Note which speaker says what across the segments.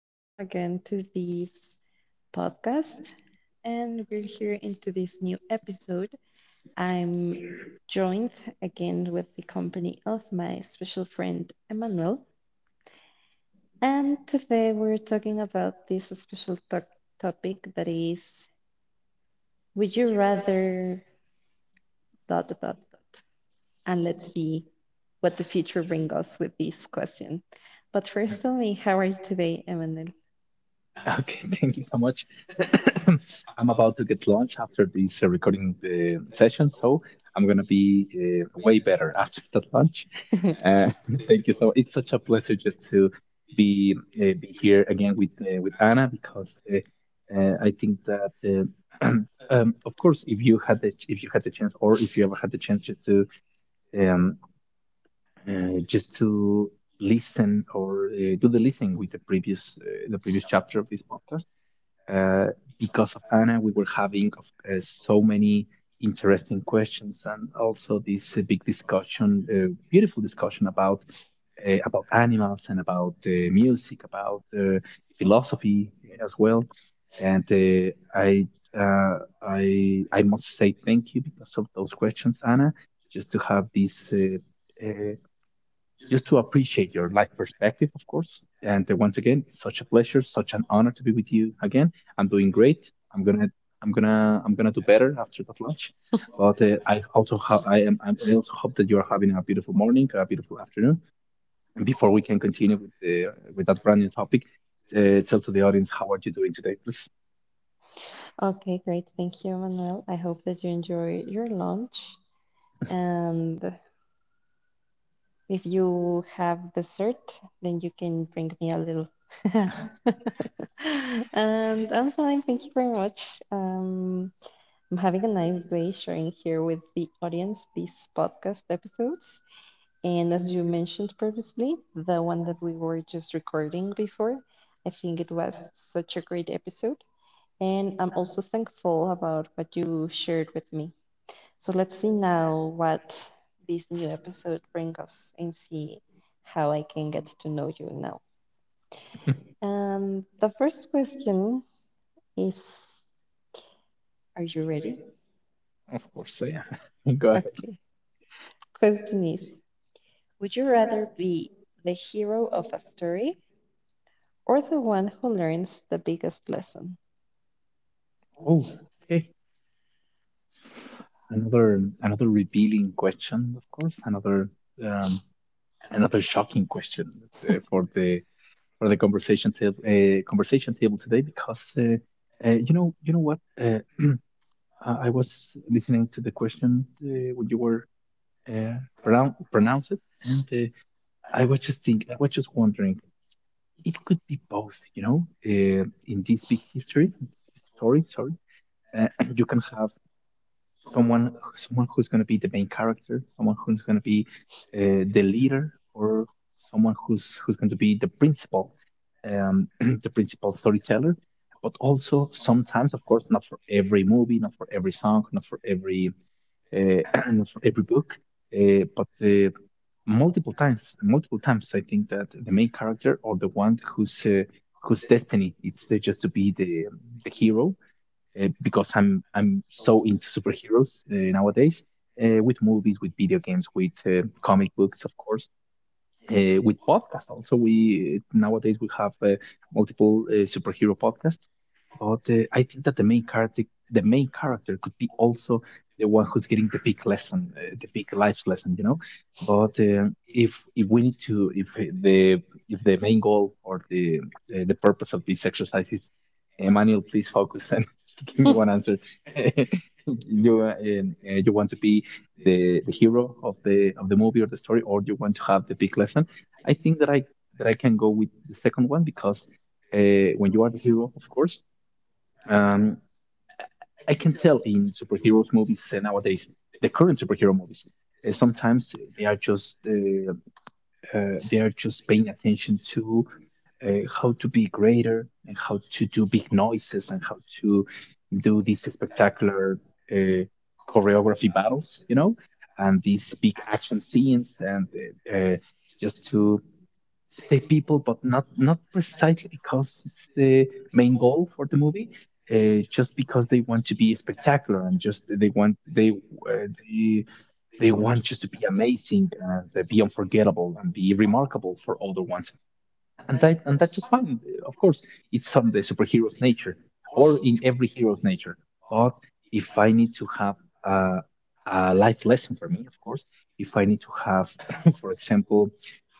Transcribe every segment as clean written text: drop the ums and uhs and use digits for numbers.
Speaker 1: Welcome again to this podcast. And we're here into this new episode. I'm joined again with the company of my special friend Emmanuel. And today we're talking about this special topic that is, would you rather dot dot dot dot? And let's see what the future brings us with this question. But first, tell me, how are you today, Emmanuel?
Speaker 2: Okay, thank you so much. I'm about to get lunch after this recording session, so I'm gonna be way better after that lunch. Uh, thank you so. It's such a pleasure just to be be here again with Anna because I think that uh, of course, if you had the chance, or if you ever had the chance, um, just to listen or do the listening with the previous chapter of this podcast. Uh, because of Anna, we were having so many interesting questions, and also this big discussion, beautiful discussion about animals, and about music, about philosophy as well. And I I must say thank you because of those questions, Anna. Just to have this uh, just to appreciate your life perspective, of course. And once again, it's such a pleasure, such an honor to be with you again. I'm doing great. I'm gonna, I'm gonna do better after that lunch. But I also, I also hope that you are having a beautiful morning, a beautiful afternoon. And before we can continue with the with that brand new topic, tell to the audience how are you doing today, please.
Speaker 1: Okay, great. Thank you, Manuel. I hope that you enjoy your lunch. And if you have dessert, then you can bring me a little. And I'm fine. Thank you very much. I'm having a nice day sharing here with the audience these podcast episodes. And as you mentioned previously, the one that we were just recording before, I think it was such a great episode. And I'm also thankful about what you shared with me. So let's see now what this new episode brings us and see how I can get to know you now. The first question is, are you ready?
Speaker 2: Of course, so yeah. Go ahead.
Speaker 1: Okay. Question is, would you rather be the hero of a story or the one who learns the biggest lesson?
Speaker 2: Oh, okay. Another revealing question, of course. Another um, another shocking question uh, for the for the conversation table today, because you know what, I was listening to the question when you were uh, pronounce it, and I was just thinking, I was just wondering, it could be both, you know. uh, in this big history, in this big story, sorry, uh, you can have someone someone who's going to be the main character, someone who's going to be the leader, or someone who's who's going to be the principal, um, the principal storyteller. But also sometimes, of course, not for every movie, not for every song, not for every uh, not for every book, but multiple times, I think that the main character, or the one who's whose destiny it's just to be the hero, because I'm so into superheroes nowadays, with movies, with video games, with comic books, of course, with podcasts. Also, we nowadays we have multiple superhero podcasts, but I think that the main character, could be also the one who's getting the big lesson, the big life lesson, you know. But if we need to, the if the main goal, or the purpose of this exercise is, Emmanuel, please focus and just give me one answer. You you want to be the hero of the movie or the story, or you want to have the big lesson. I think that I can go with the second one, because when you are the hero, of course, um, I can tell in superheroes movies nowadays, the current superhero movies, sometimes they are just paying attention to uh, how to be greater, and how to do big noises, and how to do these spectacular uh, choreography battles, you know, and these big action scenes, and uh, uh, just to save people, but not precisely because it's the main goal for the movie. Just because they want to be spectacular, and just they want you to be amazing, and be unforgettable, and be remarkable for other ones, and that's just fine. Of course, it's on the superhero's nature, or in every hero's nature. But if I need to have a, a life lesson for me, of course, if I need to have, for example,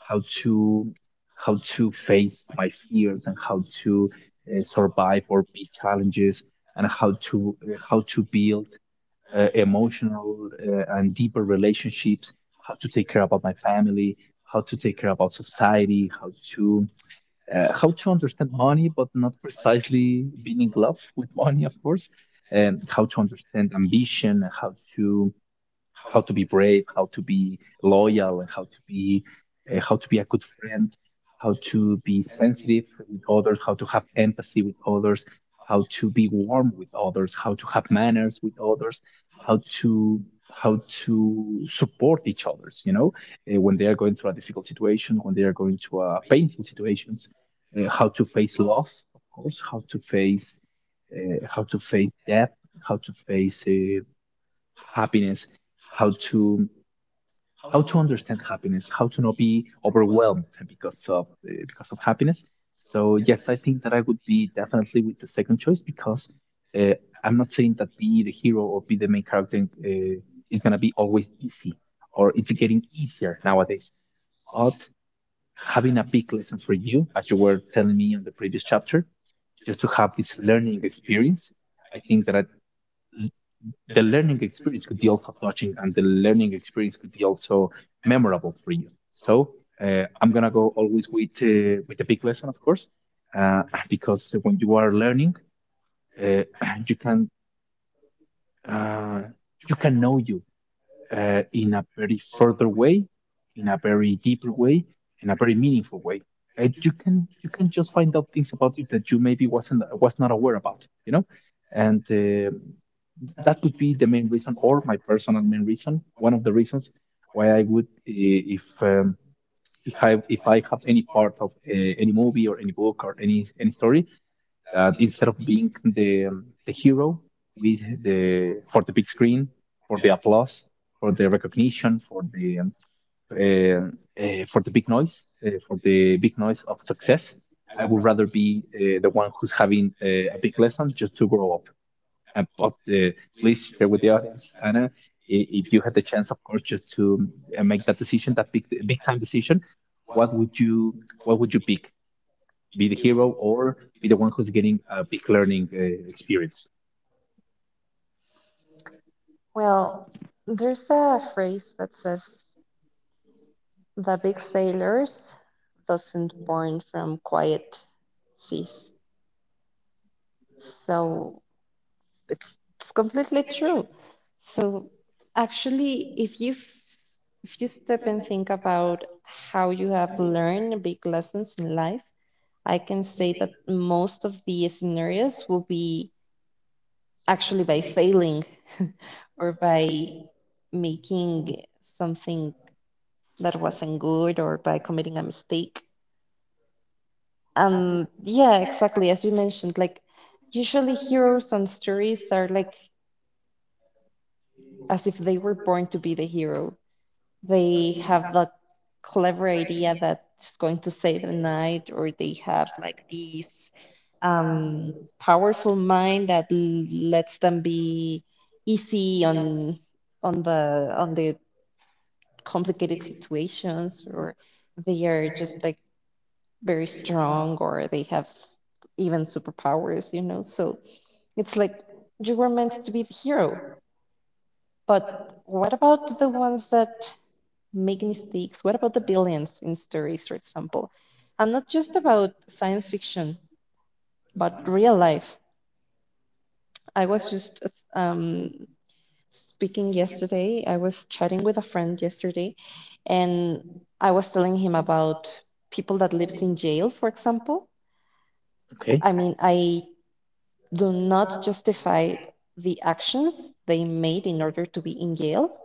Speaker 2: how to how to face my fears, and how to survive or beat challenges, and how to build emotional and deeper relationships, how to take care about my family, how to take care about society, how to understand money, but not precisely being in love with money, of course, and how to understand ambition, how to be brave, how to be loyal, and how to be a good friend, how to be sensitive with others, how to have empathy with others, how to be warm with others, how to have manners with others, how to how to support each others, you know, when they are going through a difficult situation, when they are going to painful situations, how to face loss, of course, how to face death, how to face happiness, how to how to understand happiness, how to not be overwhelmed because of because of happiness. So yes, I think that I would be definitely with the second choice, because uh, I'm not saying that be the hero or be the main character is gonna be always easy, or it's getting easier nowadays. But having a big lesson for you, as you were telling me on the previous chapter, just to have this learning experience, I think that the learning experience could be also touching, and the learning experience could be also memorable for you. So I'm gonna go always with the big lesson, of course, uh, because when you are learning, uh, you can uh, you can know you in a very further way, in a very deeper way, in a very meaningful way. And you can just find out things about it that you maybe was not aware about, you know, and that would be the main reason, or my personal main reason, one of the reasons why I would, if if I have any part of any movie, or any book, or any story, that instead of being the hero with the for the big screen, for the applause, for the recognition, for the big noise, for the big noise of success, I would rather be the one who's having a big lesson just to grow up. But please share with the audience, Anna, if you had the chance, of course, just to make that decision, that big big time decision, what would you what would you pick? Be the hero, or be the one who's getting a big learning experience?
Speaker 1: Well, there's a phrase that says the big sailors doesn't born from quiet seas. So it's completely true. So actually, if you step and think about how you have learned big lessons in life, I can say that most of the scenarios will be actually by failing or by making something that wasn't good or by committing a mistake. Yeah, exactly. As you mentioned, like usually heroes on stories are like as if they were born to be the hero. They have that clever idea that's going to save the night, or they have like this powerful mind that lets them be easy on on the complicated situations, or they are just like very strong, or they have even superpowers, you know. So it's like you were meant to be the hero, but what about the ones that make mistakes? What about the billions in stories, for example? And not just about science fiction, but real life. I was just um, Speaking yesterday, I was chatting with a friend yesterday, and I was telling him about people that lives in jail, for example.
Speaker 2: Okay,
Speaker 1: I mean, I do not justify the actions they made in order to be in jail,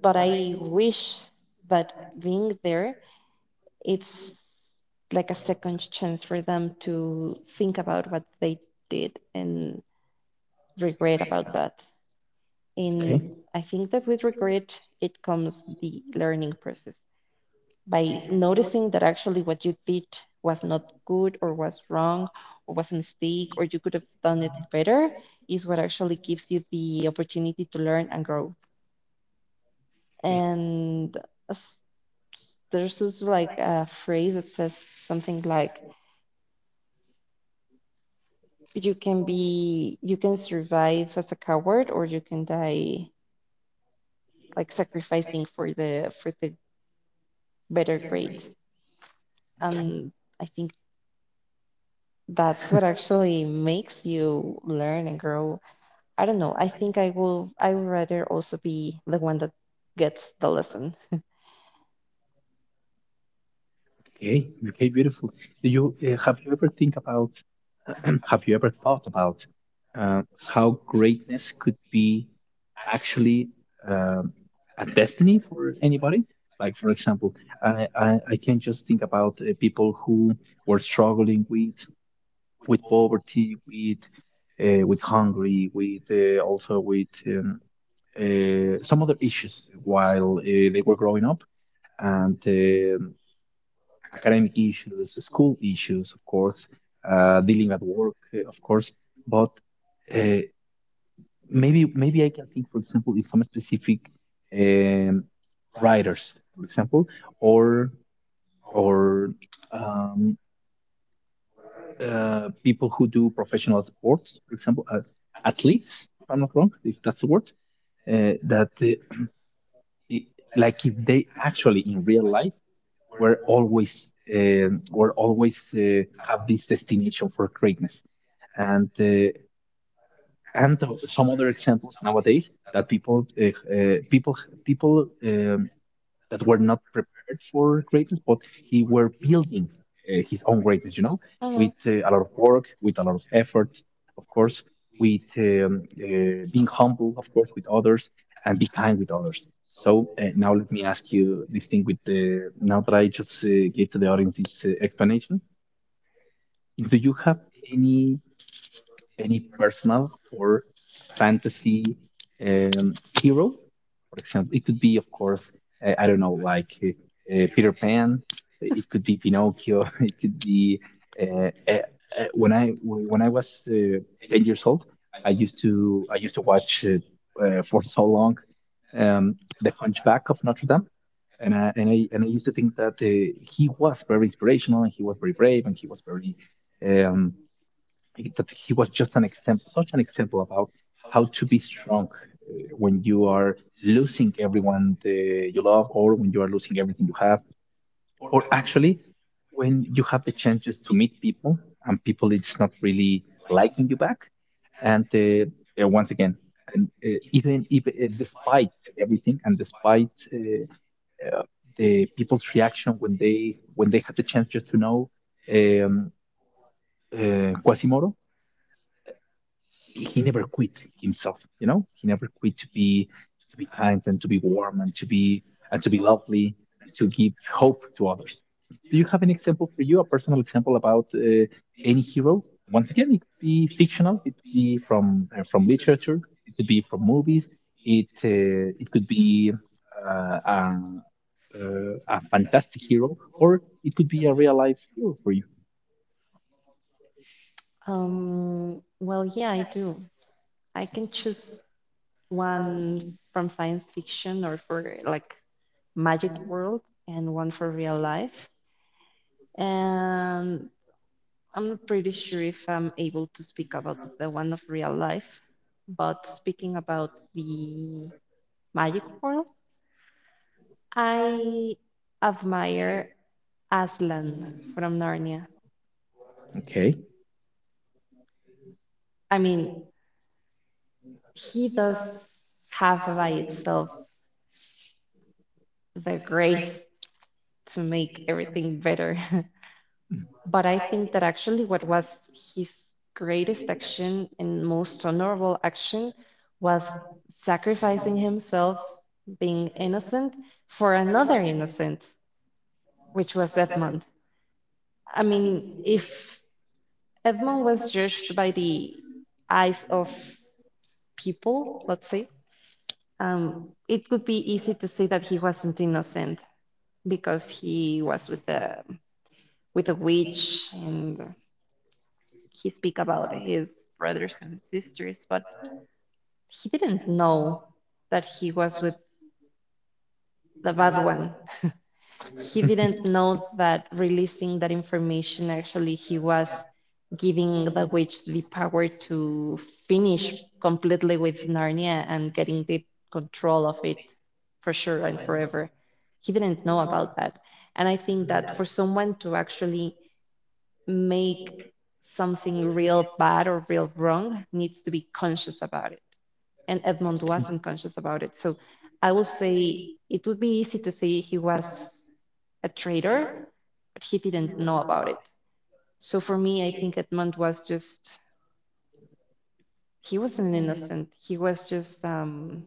Speaker 1: but I wish that being there it's like a second chance for them to think about what they did and regret about that.
Speaker 2: okay,
Speaker 1: And I think that with regret, it comes the learning process. By noticing that actually what you did was not good or was wrong or was a mistake or you could have done it better is what actually gives you the opportunity to learn and grow.
Speaker 2: okay,
Speaker 1: And there's also like a phrase that says something like, you can be, you can survive as a coward or you can die like sacrificing for the better grade. And I think that's what actually makes you learn and grow. I don't know, I think I will, I would rather also be the one that gets the lesson.
Speaker 2: okay, okay, beautiful. Do you have you ever think about? have you ever thought about uh, how greatness could be actually um, a destiny for anybody? Like, for example, I can just think about people who were struggling with poverty, with hungry, with also with some other issues while they were growing up, and academic issues, school issues, of course, dealing at work, of course. But uh, maybe maybe I can think, for example, in some specific um, writers, for example, or or um, people who do professional sports, for example, athletes, if I'm not wrong, if that's the word, uh, that uh, i- like if they actually in real life were always were always have this destination for greatness, and and some other examples nowadays that uh, people people that were not prepared for greatness, but he were building his own greatness. You know,
Speaker 1: Hmm.
Speaker 2: with a lot of work, with a lot of effort, of course, with being humble, of course, with others, and be kind with others. So now let me ask you this thing with the now that I just gave to the audience this explanation. Do you have any any personal or fantasy hero. For example, it could be, of course, I don't know, like Peter Pan. It could be Pinocchio. It could be uh, uh, when I was 10 years old. I used to watch for so long um, the Hunchback of Notre Dame, and I used to think that he was very inspirational, and he was very brave, and he was very. um, I think that he was just an example, such an example about how to be strong when you are losing everyone you love, or when you are losing everything you have, or actually when you have the chances to meet people, and people it's not really liking you back. And once again, and even despite everything, and despite uh, the people's reaction when they had the chance just to know um, Quasimodo. He never quit himself. He never quit to be kind and to be warm and to be lovely and to give hope to others. Do you have an example for you, a personal example about any hero? Once again, it could be fictional, it could be from literature, it could be from movies. It could be uh, a, a fantastic hero, or it could be a real life hero for you.
Speaker 1: Well, yeah, I do. I can choose one from science fiction or for like magic world, and one for real life. And I'm not pretty sure if I'm able to speak about the one of real life, but speaking about the magic world, I admire Aslan from Narnia.
Speaker 2: Okay.
Speaker 1: I mean, he does have by itself the grace to make everything better. But I think that actually what was his greatest action and most honorable action was sacrificing himself, being innocent, for another innocent, which was Edmond. I mean, if Edmond was judged by the eyes of people, let's say, um, it would be easy to say that he wasn't innocent because he was with a witch and he speak about his brothers and sisters, but he didn't know that he was with the bad one. He didn't know that releasing that information actually he was giving the witch the power to finish completely with Narnia and getting the control of it for sure and forever. He didn't know about that. And I think that for someone to actually make something real bad or real wrong needs to be conscious about it. And Edmond
Speaker 2: Mm.
Speaker 1: wasn't conscious about it. So I will say it would be easy to say he was a traitor, but he didn't know about it. So for me, I think Edmond was just, he wasn't innocent. He was just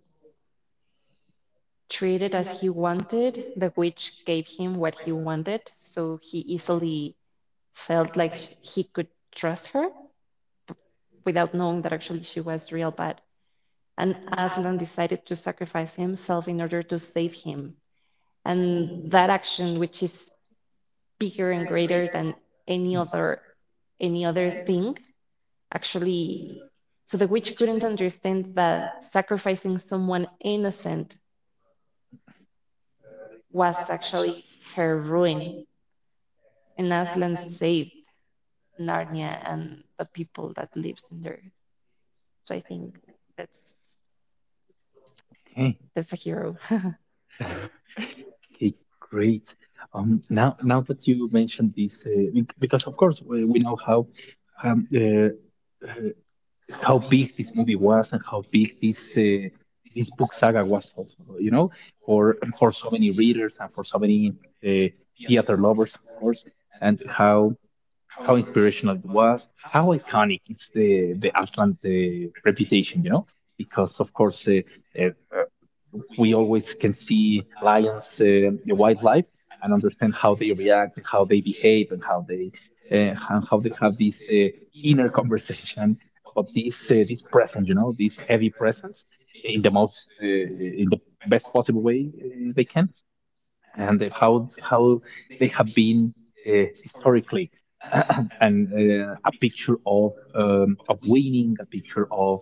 Speaker 1: treated as he wanted. The witch gave him what he wanted. So he easily felt like he could trust her without knowing that actually she was real bad. And Aslan decided to sacrifice himself in order to save him. And that action, which is bigger and greater than any other any other thing, actually so the witch couldn't understand that sacrificing someone innocent was actually her ruin. And Aslan saved Narnia and the people that lives in there. So I think that's
Speaker 2: Okay.
Speaker 1: that's a hero.
Speaker 2: Okay, great. Now that you mentioned this, because of course we know um, uh, uh, how big this movie was, and how big this book saga was also, you know, for so many readers and for so many uh, theater lovers, of course, and how inspirational it was, how iconic it's the Atlant reputation, you know. Because of course we always can see lions, wildlife, and understand how they react and how they behave and how they have this inner conversation. But this presence, you know, this heavy presence in the most in the best possible way they can, and how they have been historically. And a picture of winning, a picture of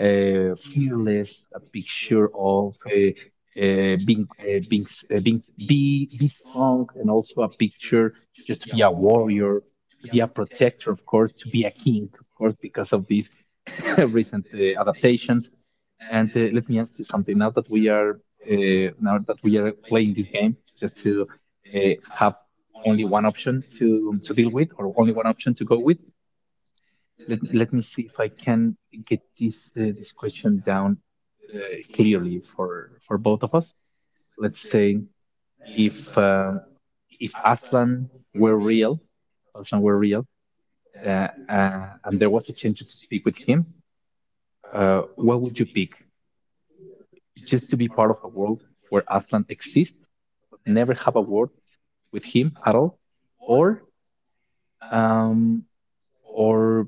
Speaker 2: fearless, a picture of being s- be strong, and also a picture just to be a warrior, to be a protector, of course, to be a king, of course, because of these recent adaptations. And let me ask you something. Now that we are playing this game, just to uh, have only one option to deal with, or only one option to go with. Let me see if I can get this question down uh, clearly for both of us. Let's say if uh, if Aslan were real, Aslan were real, and there was a chance to speak with him. What would you pick? It's just to be part of a world where Aslan exists, but never have a word with him at all, or um, or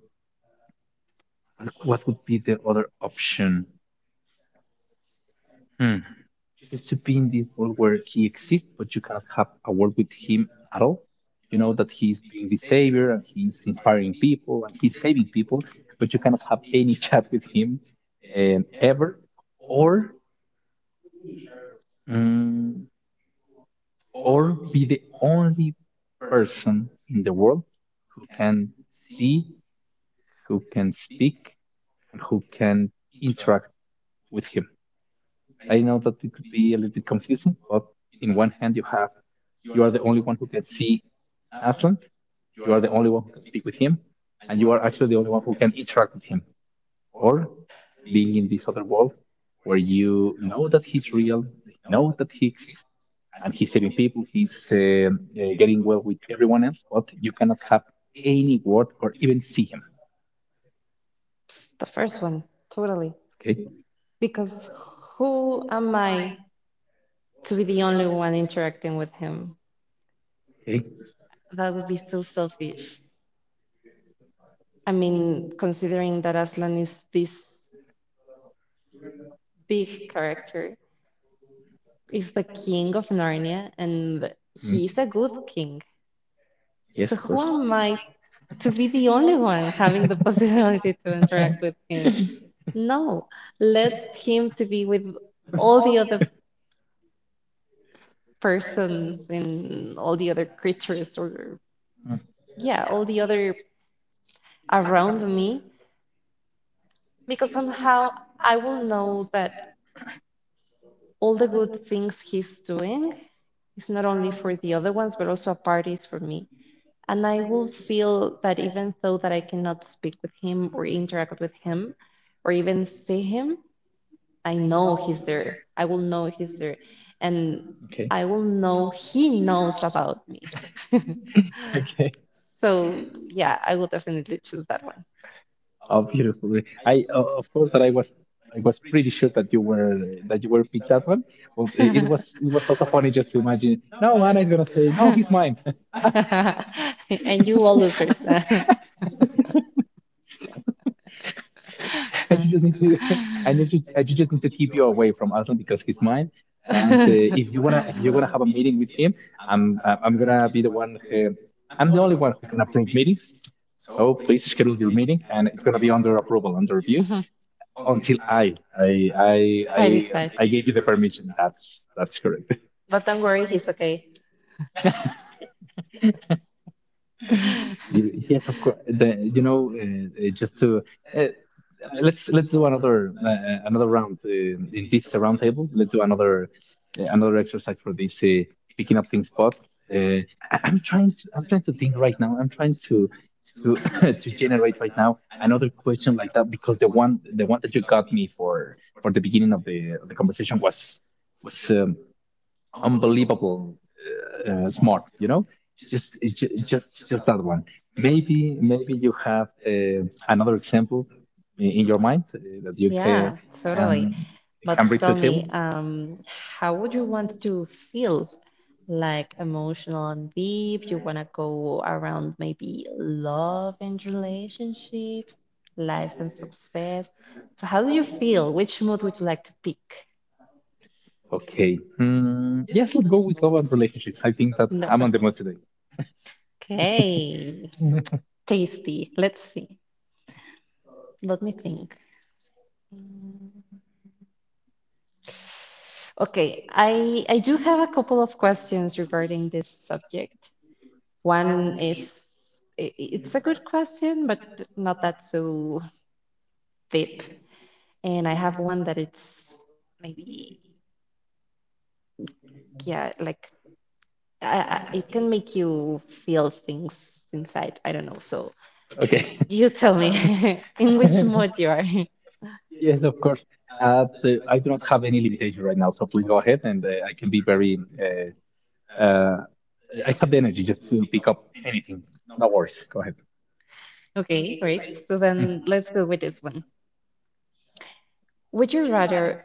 Speaker 2: what would be the other option? Hmm. Just to be in this world where he exists, but you cannot have a word with him at all. You know that he's being the savior and he's inspiring people and he's saving people, but you cannot have any chat with him ever, or mm, or be the only person in the world who can see, who can speak, and who can interact with him. I know that it could be a little bit confusing, but in one hand you are the only one who can see Aslan, you are the only one who can speak with him, and you are actually the only one who can interact with him. Or being in this other world where you know that he's real, you know that he exists and he's saving people, he's getting well with everyone else, but you cannot have any word or even see him.
Speaker 1: The first one, totally.
Speaker 2: Okay,
Speaker 1: Because who am I to be the only one interacting with him?
Speaker 2: okay.
Speaker 1: That would be so selfish. I mean, considering that Aslan is this big character, is the king of Narnia, and
Speaker 2: Mm.
Speaker 1: he's a good king.
Speaker 2: Yes,
Speaker 1: So
Speaker 2: of
Speaker 1: who
Speaker 2: course.
Speaker 1: am I to be the only one having the possibility to interact with him? No, let him to be with all the other persons and all the other creatures, or
Speaker 2: Mm.
Speaker 1: yeah, all the other around me, because somehow I will know that all the good things he's doing is not only for the other ones, but also a part is for me. And I will feel that even though that I cannot speak with him or interact with him or even see him, I know he's there. I will know he's there. And
Speaker 2: Okay.
Speaker 1: I will know he knows about me.
Speaker 2: Okay.
Speaker 1: So yeah, I will definitely choose that one.
Speaker 2: Oh, beautiful. I Of course that I was pretty sure that you were picked that one. Well, it was also funny just to imagine. No, Anna is gonna say no, he's mine.
Speaker 1: And you all and
Speaker 2: I just need to, I just need to keep you away from Aslan because he's mine. And if you wanna have a meeting with him, I'm gonna be the one. I'm the only one who can approve meetings. So please schedule your meeting, and it's gonna be under approval, under review,
Speaker 1: mhm.
Speaker 2: until I gave you the permission. That's correct.
Speaker 1: But don't worry, he's okay. Yeah.
Speaker 2: Yes, of course. Just to uh, uh, let's do another round in this round table. Let's do another exercise for this picking up things spot. Uh, I'm trying to think right now. I'm trying to to generate right now another question like that, because the one that you got me for the beginning of the conversation was was unbelievable smart, you know, just just that one. Maybe you have another example in your mind that you um,
Speaker 1: But
Speaker 2: can bring
Speaker 1: tell
Speaker 2: to the table.
Speaker 1: me, how would you want to feel? Like emotional and deep? You want to go around maybe love and relationships, life and success. So, how do you feel? Which mode would you like to pick?
Speaker 2: Okay. Mm, yes, let's go with love and relationships. I think that
Speaker 1: No,
Speaker 2: I'm on the mood today.
Speaker 1: okay. Tasty. Let's see. Let me think. Okay, I do have a couple of questions regarding this subject. One is, it's a good question, but not that so deep. And I have one that it's maybe, yeah, like it can make you feel things inside. I don't know. So
Speaker 2: Okay.
Speaker 1: you tell me in which mode you are.
Speaker 2: Yes, of course. I do not have any limitation right now, so please go ahead. And I can be very uh, uh, I have the energy just to pick up anything. No worries, go ahead.
Speaker 1: Okay, great. So then let's go with this one. Would you rather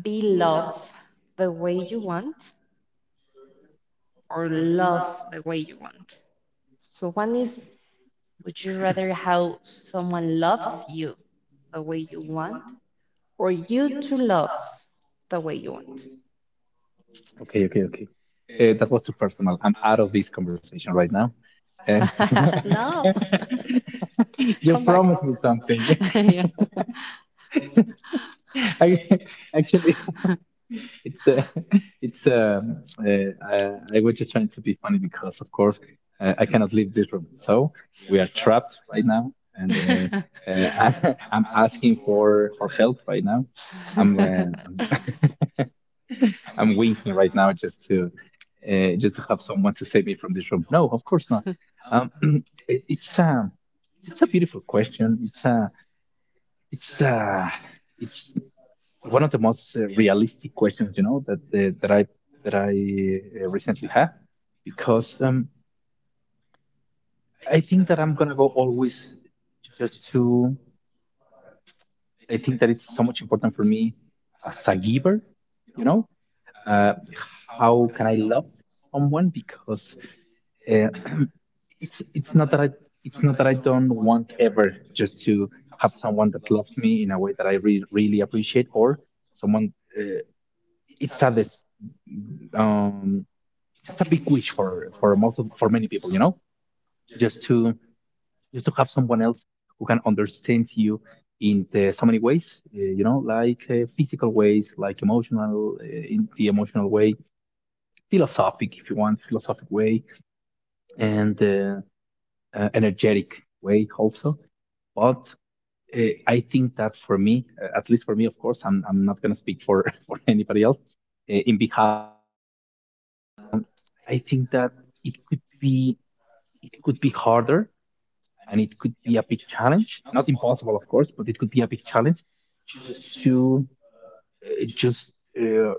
Speaker 1: be loved the way you want or love the way you want? So one is, would you rather how someone loves you the way you want or you to love the way you want?
Speaker 2: Okay, okay, okay. That was too personal. I'm out of this conversation right now. Uh,
Speaker 1: No. Come back.
Speaker 2: you promised me something.
Speaker 1: Yeah.
Speaker 2: I, Actually, it's uh, it's I was just trying to be funny because, of course, I cannot leave this room. So we are trapped right now, and I am asking for help right now. I'm uh, I'm winking right now just to have someone to save me from this room. No, of course not. Um, it, it's um, it's a beautiful question. It's a it's one of the most realistic questions, you know, that that I recently had, because I think that I'm gonna go always just to I think that it's so much important for me as a giver, you know, uh, how can I love someone, because Uh, it's it's not that I it's not that I don't want ever just to have someone that loves me in a way that I really appreciate, or someone. Uh, it's a this, um, it's a big wish for for many people, you know, just to just to have someone else who can understand you in so many ways, you know, like physical ways, like emotional, in the emotional way, philosophic if you want, philosophic way, and energetic way also. But uh, I think that for me, at least for me, of course, I'm not going to speak for, for anybody else in behalf of anyone else. Um, I think that it could be it could be harder, and it could be a big challenge. Not impossible, of course, but it could be a big challenge just to just uh,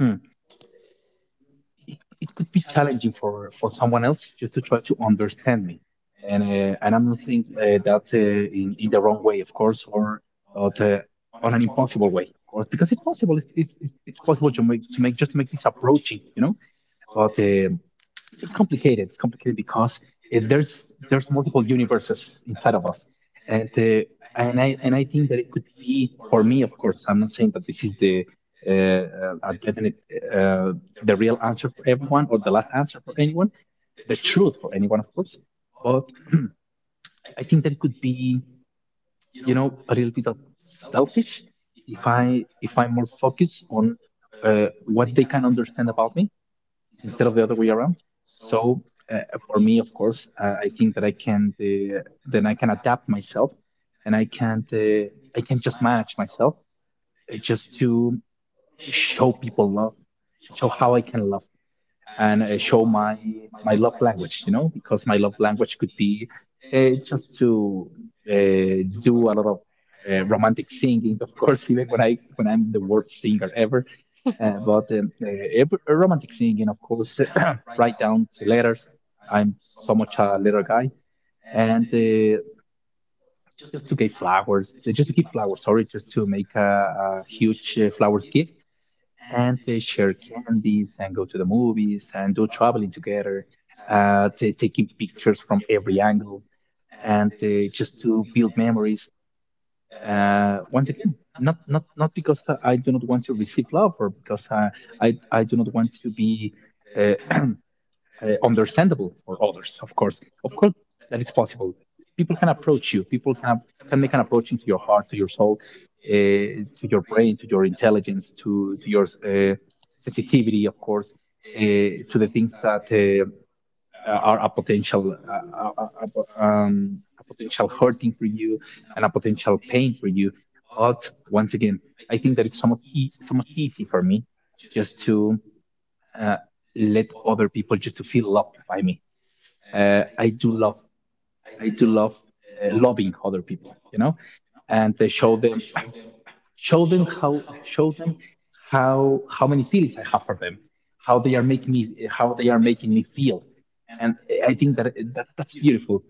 Speaker 2: hmm, it could be challenging for someone else just to try to understand me, and I'm not saying that in the wrong way, of course, or but, on an impossible way, of course, because it's possible. It's possible to make just to make this approaching, but it's complicated. It's complicated because there's multiple universes inside of us, and uh, and I think that it could be for me. Of course, I'm not saying that this is the a definite, uh, the real answer for everyone, or the last answer for anyone, the truth for anyone, of course. But I think that it could be, a little bit of selfish if I if I'm more focused on what they can understand about me, instead of the other way around. So uh, for me, of course, I think that I can then I can adapt myself, and I can just manage myself just to show people love, show how I can love, and show my love language. You know, because my love language could be just to do a lot of romantic singing, of course. Even when I'm the worst singer ever, uh, but um, uh, romantic singing, of course, write down the letters. I'm so much a letter guy, and just to give flowers, just to give flowers. Sorry, just to make a huge flowers gift and share candies and go to the movies and do traveling together, taking pictures from every angle and just to build memories. Once again, not because I do not want to receive love or because I do not want to be uh, uh, understandable for others. Of course, that is possible. People can approach you. People can make an approach into your heart, to your soul, to your brain, to your intelligence, to your sensitivity, of course, uh, to the things that are a potential hurting for you and a potential pain for you. But once again, I think that it's somewhat easy for me just to uh, let other people just to feel loved by me. Uh, I do love I do love loving other people, you know, and they show them how show them how many feelings I have for them, how they are making me feel, and I think that, that's beautiful.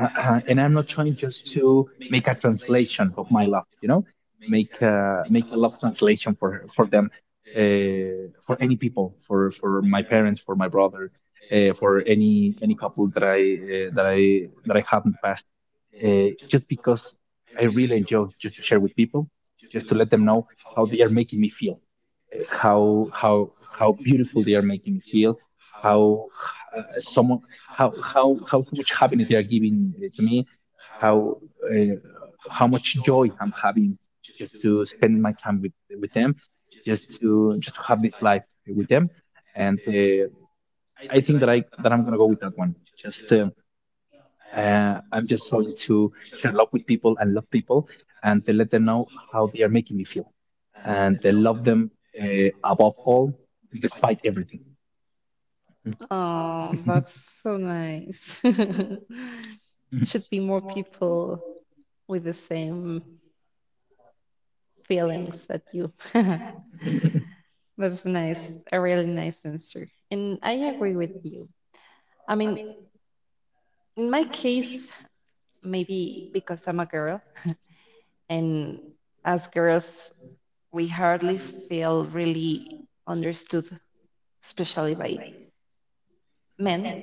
Speaker 2: And I'm not trying just to make a translation of my love, you know, make a love translation for them, for any people, for my parents, for my brother, for any couple uh, that I that I have in the past, just because I really enjoy just to share with people, just to let them know how they are making me feel, uh, how how how beautiful they are making me feel, how uh, someone how so much happiness they are giving to me, how uh, how much joy I'm having just to spend my time with them, just to have this life with them, and I think that I'm gonna go with that one. Just I'm just going to share love with people and love people and to let them know how they are making me feel and to love them, uh, above all, despite everything.
Speaker 1: Oh, that's so nice. Should be more
Speaker 2: Okay.
Speaker 1: people with the same feelings that you. That's nice, a really nice answer. And I agree with you. I mean, in my case, maybe because I'm a girl, and as girls, we hardly feel really understood, especially by men.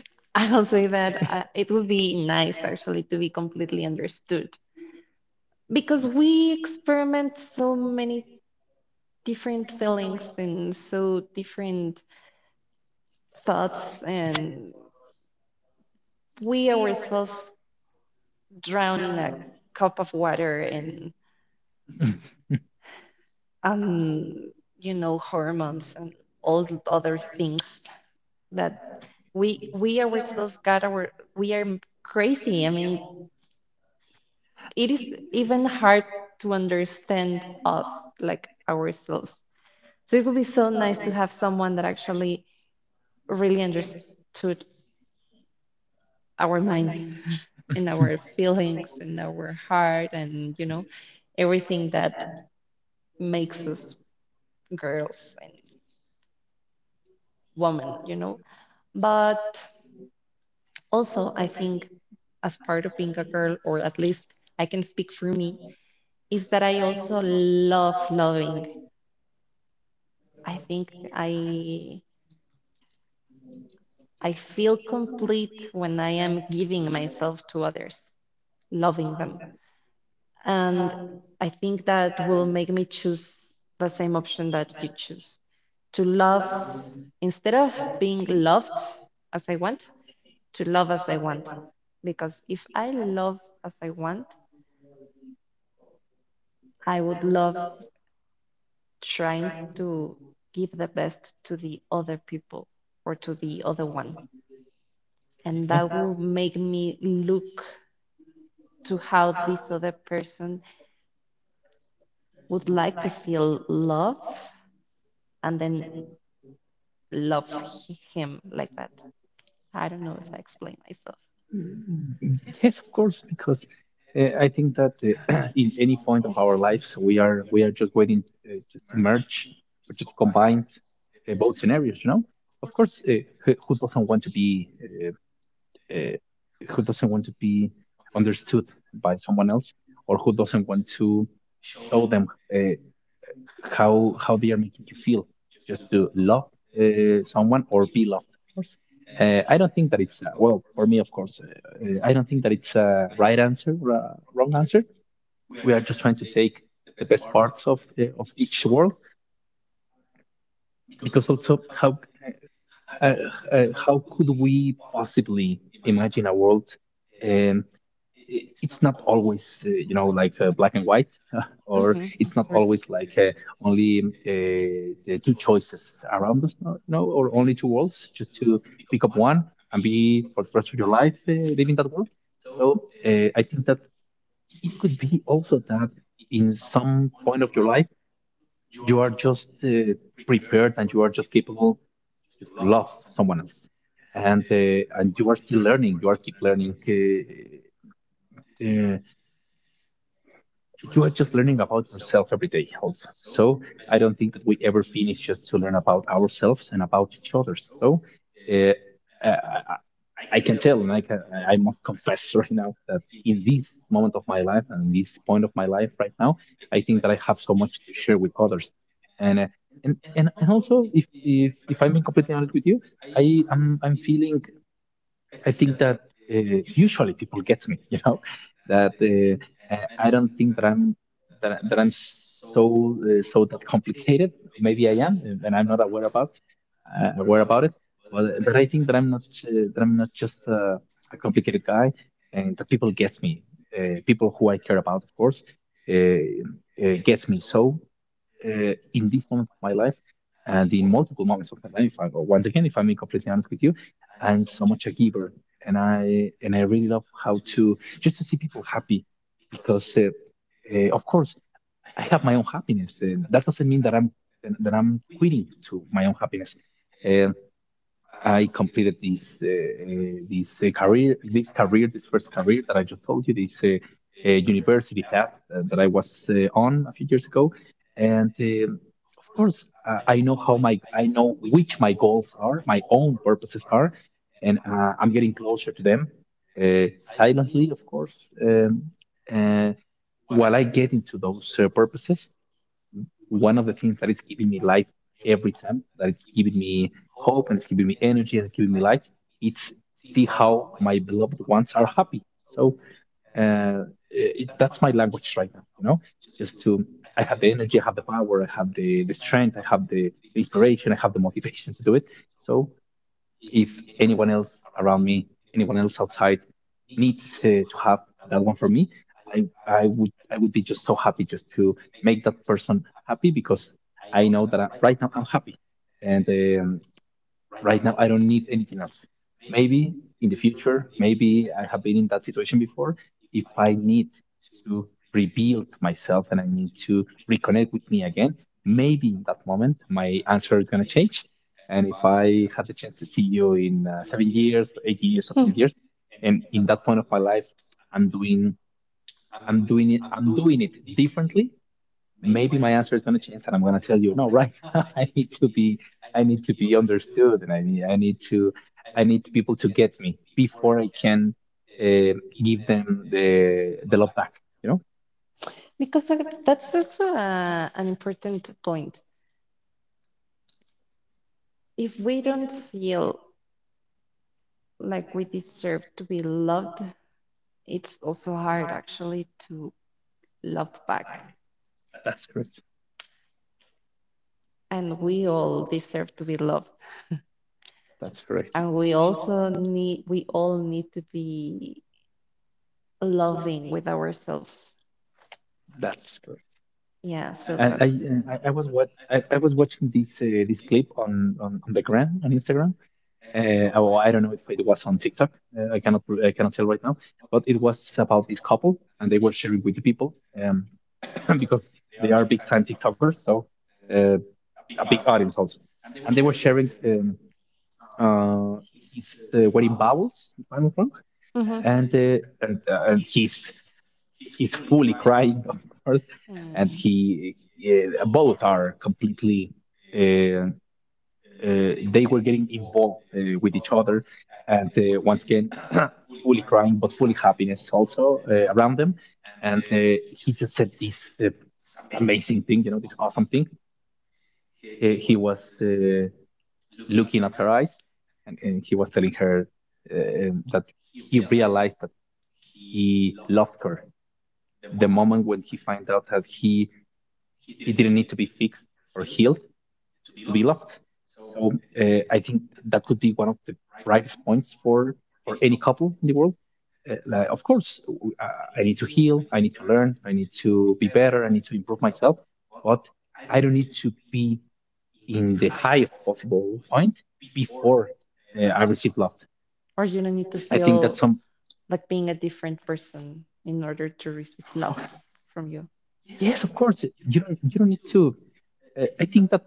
Speaker 1: I'll say that it would be nice actually to be completely understood, because we experiment so many different feelings and so different thoughts, and we ourselves drown in a cup of water and um, you know, hormones and all the other things that we ourselves got our we are crazy. I mean, it is even hard to understand us like ourselves. So it would be so nice to have someone that actually really understood our mind and our feelings and our heart and you know everything that makes us girls and women, you know. But also, I think as part of being a girl, or at least I can speak for me, is that I also love loving. I think I feel complete when I am giving myself to others, loving them. And I think that will make me choose the same option that you choose. To love instead of being loved as I want, to love as I want. Because if I love as I want, I would love trying to give the best to the other people or to the other one. And that will make me look to how this other person would like to feel love and then love him like that. I don't know if I explain myself.
Speaker 2: Yes, of course, because I think that in any point of our lives, we are just waiting just to merge or just combine both scenarios. You know, of course, who doesn't want to be uh, who doesn't want to be understood by someone else or who doesn't want to show them, uh, how they are making you feel, just to love someone or be loved, of course. I don't think that it's, well, for me, of course, I don't think that it's a right answer or a wrong answer. We are just trying to take the best parts of, of each world, because also how, uh, how could we possibly imagine a world? um, it's not always, you know, like, black and white, or it's not always like, only the two choices around us, you know, or only two worlds just to pick up one and be for the rest of your life, living that world. So I think that it could be also that in some point of your life you are just, prepared, and you are just capable just to love someone else, and you are still learning, uh, you are just learning about yourself every day also. So I don't think that we ever finish just to learn about ourselves and about each other. So uh, I can tell, and I must confess right now that in this moment of my life and this point of my life right now, I think that I have so much to share with others. And and also, if I'm being completely honest with you, I I I'm feeling, I think that, usually people get me, you know, that I don't think that I'm that I'm so, that complicated. Maybe I am, and I'm not aware about, aware about it. But but I think that I'm not, that I'm not just, a complicated guy, and that people get me. People who I care about, of course, uh, get me. So in these moments of my life and in multiple moments of my life. I, once again, if I'm being completely honest with you, I'm so much a giver, and I really love how to just to see people happy, because of course I have my own happiness. That doesn't mean that I'm quitting to my own happiness. Uh, I completed this, this first career that I just told you, this, university path, that I was, on a few years ago, and of course, I know which my goals are, my own purposes are, and I'm getting closer to them, uh, silently, of course. Uh, while I get into those, purposes, one of the things that is giving me life every time, that it's giving me hope, and it's giving me energy, and it's giving me light, it's see how my beloved ones are happy. So uh, it, that's my language right now, you know, just to, I have the energy, I have the power, I have the strength, I have the inspiration, I have the motivation to do it. So if anyone else around me, anyone else outside needs, to have that one for me, I would be just so happy just to make that person happy, because I know that right now I'm happy, and um, right now, I don't need anything else. Maybe in the future, maybe I have been in that situation before. If I need to rebuild myself, and I need to reconnect with me again, maybe in that moment, my answer is going to change. And if I had the chance to see you in, 7 years, or 8 years, or 10
Speaker 1: Hmm.
Speaker 2: years, and in that point of my life, I'm doing I'm doing it differently, maybe my answer is going to change, and I'm going to tell you, no, right now I need to be, understood, and I need people to get me before I can, uh, give them the love back, you know.
Speaker 1: Because that's also an important point. If we don't feel like we deserve to be loved, it's also hard actually to love back.
Speaker 2: That's correct.
Speaker 1: And we all deserve to be loved.
Speaker 2: That's correct.
Speaker 1: And we also need, we all need to be loving with ourselves.
Speaker 2: That's correct.
Speaker 1: Yeah, so I,
Speaker 2: And
Speaker 1: that's.
Speaker 2: I was, I was watching this, this clip on, on the gram, on Instagram, oh, I don't know if it was on TikTok, I cannot tell right now, but it was about this couple, and they were sharing with the people, um, because they are big time TikTokers, so, uh, a big audience also. And they were sharing, uh, his, wedding bowels, if I'm not wrong,
Speaker 1: Mhm.
Speaker 2: and and he's, fully crying, of course, and
Speaker 1: Mm.
Speaker 2: both are completely, uh, they were getting involved, with each other, and once again, fully crying, but fully happiness also around them. And he just said this, uh, amazing thing, you know, this awesome thing. He was, looking at her eyes, and he was telling her, that he realized that he loved her the moment when he found out that he didn't need to be fixed or healed to be loved. So uh, I think that could be one of the brightest points for, any couple in the world. Like, of course, I need to heal. I need to learn. I need to be better. I need to improve myself. But I don't need to be in the highest possible point before, I receive love.
Speaker 1: Or you don't need to
Speaker 2: I think that's
Speaker 1: feel
Speaker 2: some.
Speaker 1: like being a different person in order to receive
Speaker 2: Oh,
Speaker 1: love from you.
Speaker 2: yes, of course. You don't. You don't need to. I think that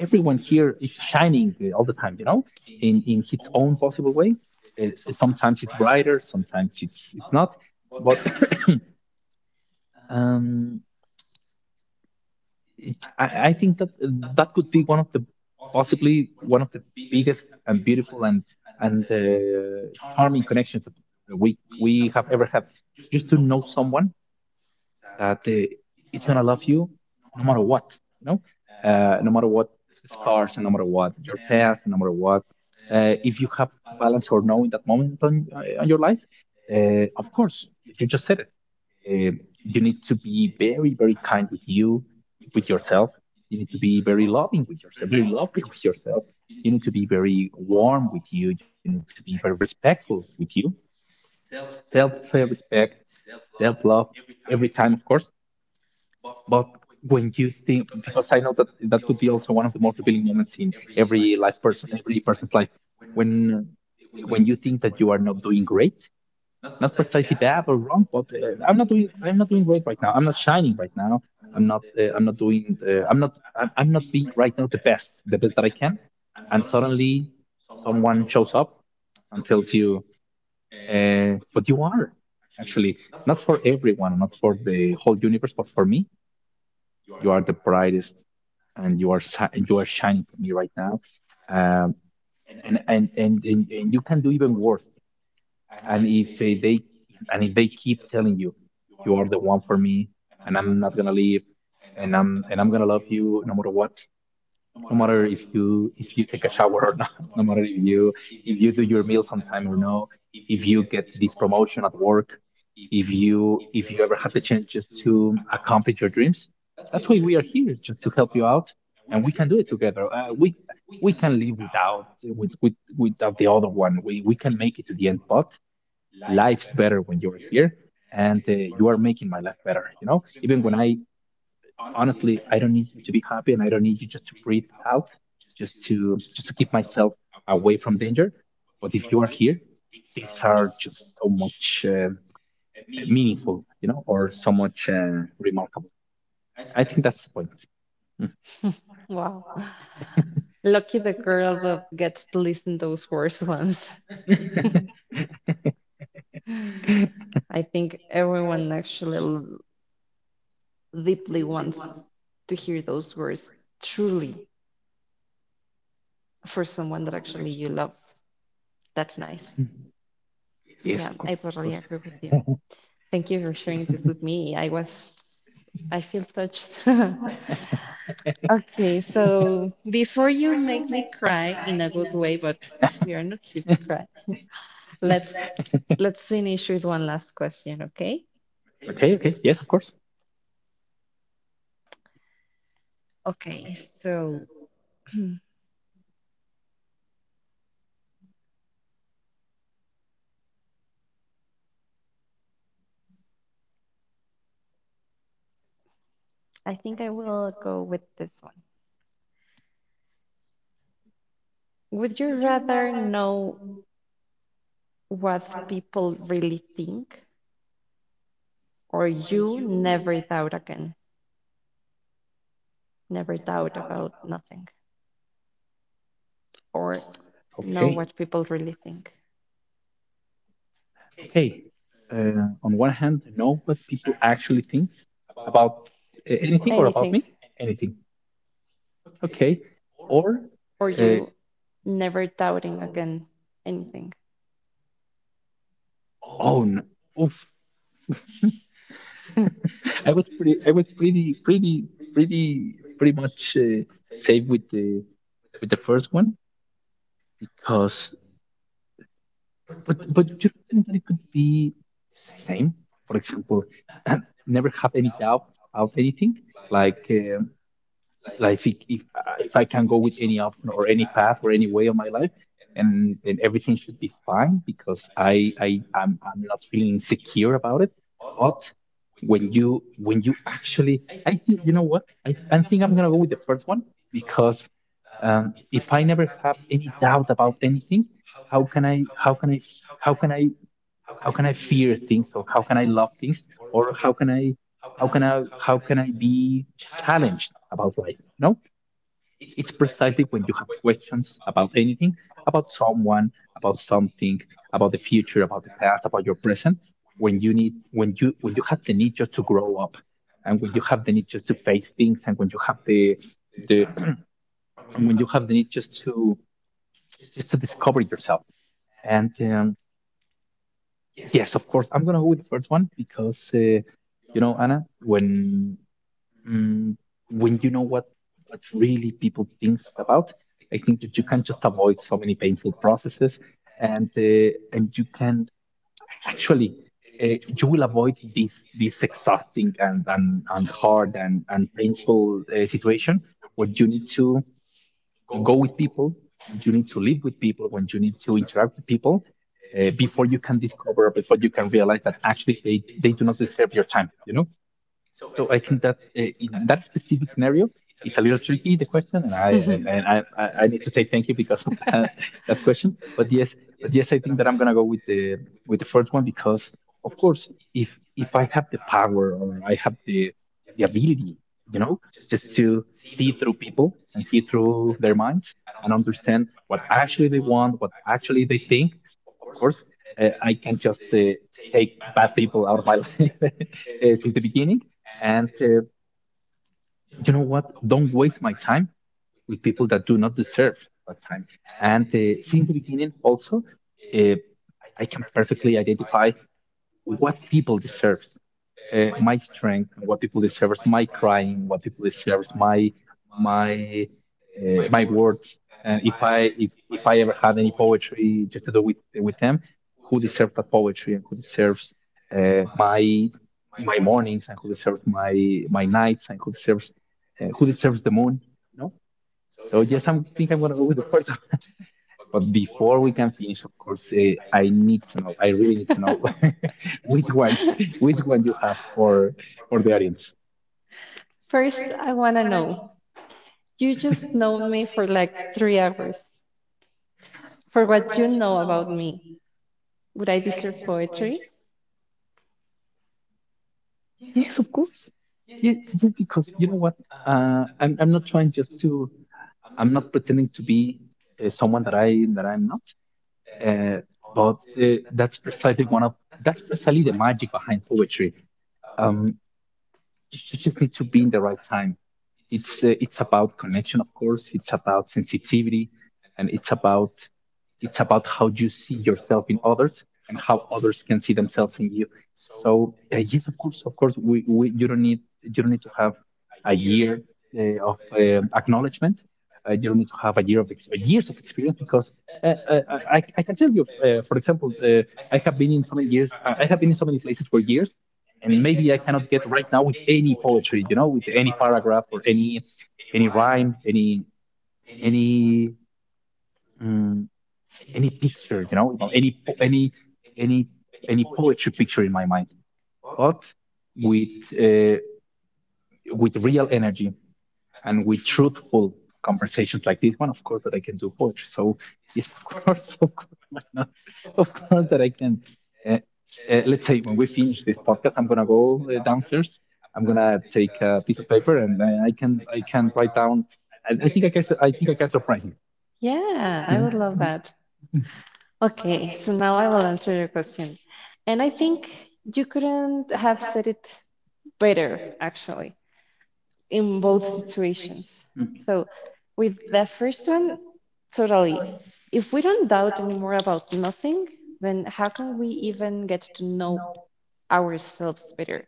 Speaker 2: everyone here is shining, all the time, you know, in his own possible way. Uh, sometimes it's brighter, sometimes it's not. But um, I think that, that could be one of the, possibly one of the biggest and beautiful and, and uh, charming connections that we have ever had. Just to know someone that, it's gonna love you no matter what, you know, no matter what the scars, and no matter what your past, and no matter what, if you have balance or no in that moment on your life, of course, you just said it. Uh, you need to be very, very kind with you, with yourself. You need to be very loving with yourself, very loving with yourself. You need to be very warm with you. You need to be very respectful with you. Self respect, self love, every time, of course. But when you think, because I know that that could be also one of the most revealing moments in every life person, every person's life, when when you think that you are not doing great, not precisely bad or wrong, but I'm not doing great right now. I'm not shining right now. I'm not, uh, I'm not doing, uh, I'm not, I'm not being right now the best that I can. And suddenly, someone shows up and tells you, but you are actually not for everyone, not for the whole universe, but for me you are the brightest, and you are you are shining for me right now. Um, and you can do even worse. And if they and if they keep telling you, you are the one for me, and I'm not gonna leave, and I'm gonna love you no matter what, no matter if you take a shower or not, no matter if you do your meals on time or no, if you get this promotion at work, if you ever have the chances to accomplish your dreams. That's why we are here, just to help you out, and we can do it together. We we can live without with, with without the other one. We can make it to the end, but life's better when you're here. And you are making my life better, you know, even when I honestly, I don't need you to be happy, and I don't need you just to breathe out, just to keep myself away from danger. But if you are here, things are just so much meaningful, you know, or so much remarkable. I think that's the point. Mm.
Speaker 1: Wow. Lucky the girl that gets to listen those words once. I think everyone actually deeply wants to hear those words truly for someone that actually you love. That's nice.
Speaker 2: Mm. Yes,
Speaker 1: Yeah,
Speaker 2: of course,
Speaker 1: I
Speaker 2: of
Speaker 1: totally
Speaker 2: course.
Speaker 1: agree with you. Thank you for sharing this with me. I feel touched. Okay, so before you make me cry in a good way, but we are not here to cry. Let's let's finish with one last question, okay?
Speaker 2: Okay, okay. Yes, of course.
Speaker 1: Okay, so I think I will go with this one. Would you rather know what people really think, or you never doubt again, never doubt about nothing, or know
Speaker 2: Okay,
Speaker 1: what people really think?
Speaker 2: okay. On one hand, I know what people actually think about, anything or about
Speaker 1: Anything,
Speaker 2: me, anything. Okay. Or
Speaker 1: or
Speaker 2: uh,
Speaker 1: you never doubting again anything?
Speaker 2: oh, no. Oof. I was pretty, pretty, pretty, pretty much safe with the first one because, but you don't think that it could be the same? For example, and never have any doubt about anything. Like um, like if I can go with any option or any path or any way of my life, and everything should be fine because I'm not feeling insecure about it. But when you actually, I think you know what I think I'm gonna go with the first one because if I never have any doubt about anything, how can I how can I how can I how can I fear things, or how can I love things, or how can I be challenged about life? You it's precisely when you have questions about anything, about someone, about something, about the future, about the past, about your present, when you need when you have the need just to grow up, and when you have the need just to face things, and when you have the and when you have the need just to discover yourself. And yes, of course, I'm gonna go with the first one because you know, Anna, when mm, when you know what really people thinks about, I think that you can just avoid so many painful processes, and uh, and you can actually you will avoid this this exhausting and and hard and painful situation where you need to go with people, when you need to live with people, when you need to interact with people. Before you can discover, before you can realize that actually they do not deserve your time, you know? So I think that in that specific scenario, it's a little tricky the question, and I need to say thank you because of that question. But yes, I think that I'm gonna go with the first one because of course, if I have the power, or I have the ability, you know, just to see through people and see through their minds and understand what actually they want, what actually they think, of course, I can just take bad people out of my life uh, since the beginning. And you know what? Don't waste my time with people that do not deserve that time. And since the beginning, also, uh, I can perfectly identify what people deserve my strength, what people deserve, my crying, what people deserve, my my words, and if I ever had any poetry to do with them, who deserves that poetry, and who deserves uh, my my mornings, and who deserves my nights, and who deserves the moon, you know. So yes, I think I'm gonna go with the first, but before we can finish, of course, I need to know. I really need to know which one, which one you have for the audience.
Speaker 1: First, I want to know. You just known me for like 3 hours. For what you know about me, would I deserve poetry?
Speaker 2: Yes, of course. Yeah, just because you know what, I'm not trying just to. I'm not pretending to be someone that I that I'm not. Uh, but that's precisely one of that's precisely the magic behind poetry. Um, you just need to be in the right time. It's about connection, of course. It's about sensitivity, and it's about it's about how you see yourself in others, and how others can see themselves in you. So yes, of course, we you don't need to have a year of acknowledgement. You don't need to have a year of ex- years of experience because uh, uh, I can tell you, for example, I have been in so many years. I have been in so many places for years, and maybe I cannot get right now with any poetry, you know, with any paragraph or any rhyme, any mm any picture, you know, any any poetry picture in my mind, but with uh, with real energy and with truthful conversations like this one. Of course, that I can do poetry. So yes, of course, of course, why not? Of course that I can. Uh, let's say when we finish this podcast, I'm gonna go downstairs. I'm gonna take a piece of paper, and I can write down. I think I can. I think I can surprise you.
Speaker 1: Yeah, I
Speaker 2: Mhm.
Speaker 1: would love that.
Speaker 2: Mm,
Speaker 1: Okay, so now I will answer your question. And I think you couldn't have said it better, actually, in both situations.
Speaker 2: mm,
Speaker 1: So, with the first one, totally. If we don't doubt anymore about nothing, then how can we even get to know ourselves better?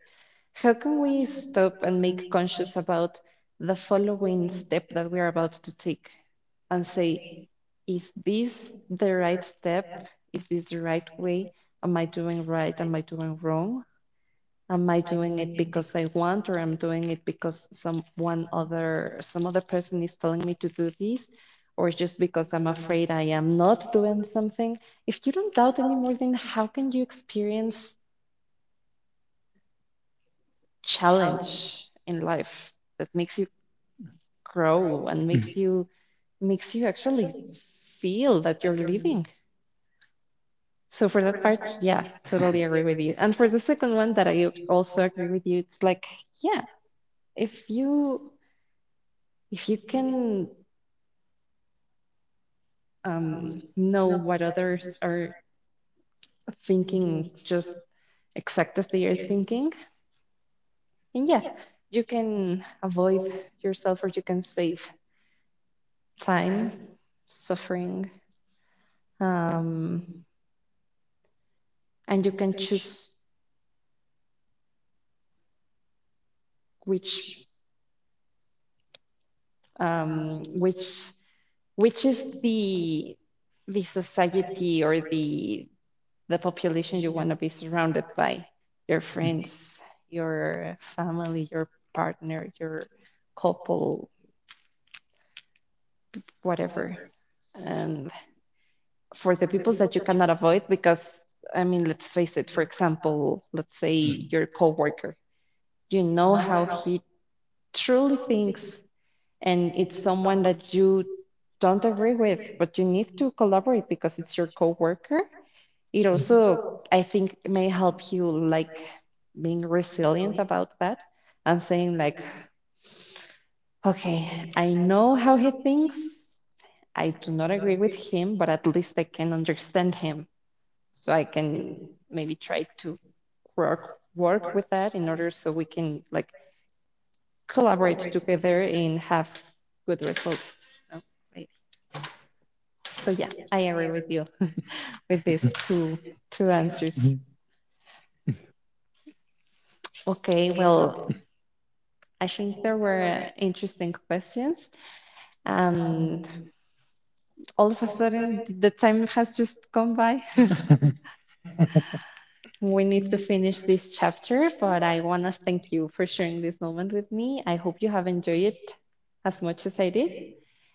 Speaker 1: How can we stop and make conscious about the following step that we are about to take and say, is this the right step? Is this the right way? Am I doing right? Am I doing wrong? Am I doing it because I want or I am doing it because some one other some other person is telling me to do this? Or just because I'm afraid I am not doing something. If you don't doubt anymore, then how can you experience challenge in life that makes you grow and
Speaker 2: mm,
Speaker 1: makes you actually feel that you're living? So for that part, yeah, totally agree with you. And for the second one that I also agree with you, it's like, yeah, if you if you can know what others are thinking just exact as they are thinking, and yeah, you can avoid yourself or you can save time, suffering, um, and you can choose which um, which which is the society or the population you want to be surrounded by, your
Speaker 2: mm.
Speaker 1: friends, your family, your partner, your couple, whatever. And for the people that you cannot avoid, because I mean, let's face it, for example, let's say your coworker, you know how he truly thinks, and it's someone that you don't agree with, but you need to collaborate because it's your coworker. It also, I think, may help you like being resilient about that and saying like, okay, I know how he thinks. I do not agree with him, but at least I can understand him. So I can maybe try to work with that in order so we can like collaborate together and have good results. No, maybe. So yeah, I agree with you with these two answers.
Speaker 2: Mhm.
Speaker 1: Okay, well, I think there were interesting questions, and all of a sudden, the time has just gone by. We need to finish this chapter, but I want to thank you for sharing this moment with me. I hope you have enjoyed it as much as I did.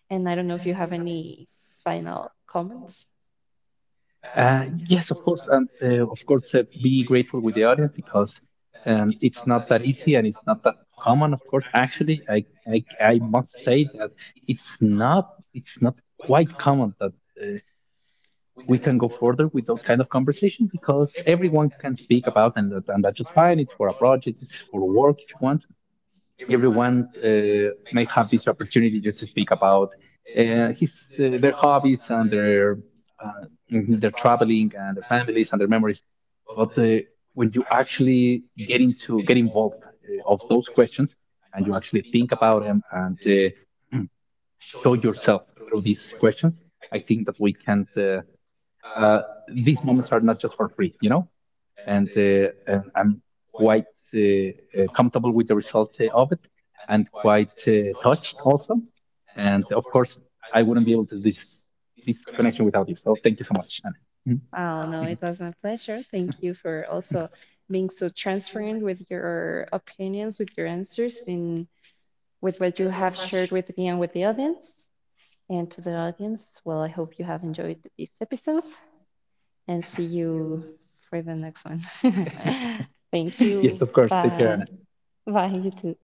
Speaker 1: And I don't know if you have any final comments.
Speaker 2: Yes, of course, and of course, be grateful with the audience because it's not that easy, and it's not that common. Of course, actually, I must say that it's not it's not quite common that uh, we can go further with those kind of conversations because everyone can speak about and that, and that's just fine. It's for a project, it's for work if you want, everyone may have this opportunity to speak about his their hobbies and their uh, their traveling and their families and their memories. But when you actually get involved of those questions, and you actually think about them, and uh, show yourself through these questions, I think that we can't. Uh, these moments are not just for free, you know. And, and I'm quite uh, comfortable with the result of it, and quite touched also. And of course, I wouldn't be able to this this connection without you. So thank you so much, Anna.
Speaker 1: Oh, no, it was my pleasure. Thank you for
Speaker 2: Mhm.
Speaker 1: also being so transparent with your opinions, with your answers, and with what you have shared with me and with the audience. And to the audience, well, I hope you have enjoyed this episode and see you for the next one. Thank
Speaker 2: Mhm. Yes,
Speaker 1: you.
Speaker 2: of course. Take care,
Speaker 1: Bye.
Speaker 2: Anna.
Speaker 1: Bye, you too.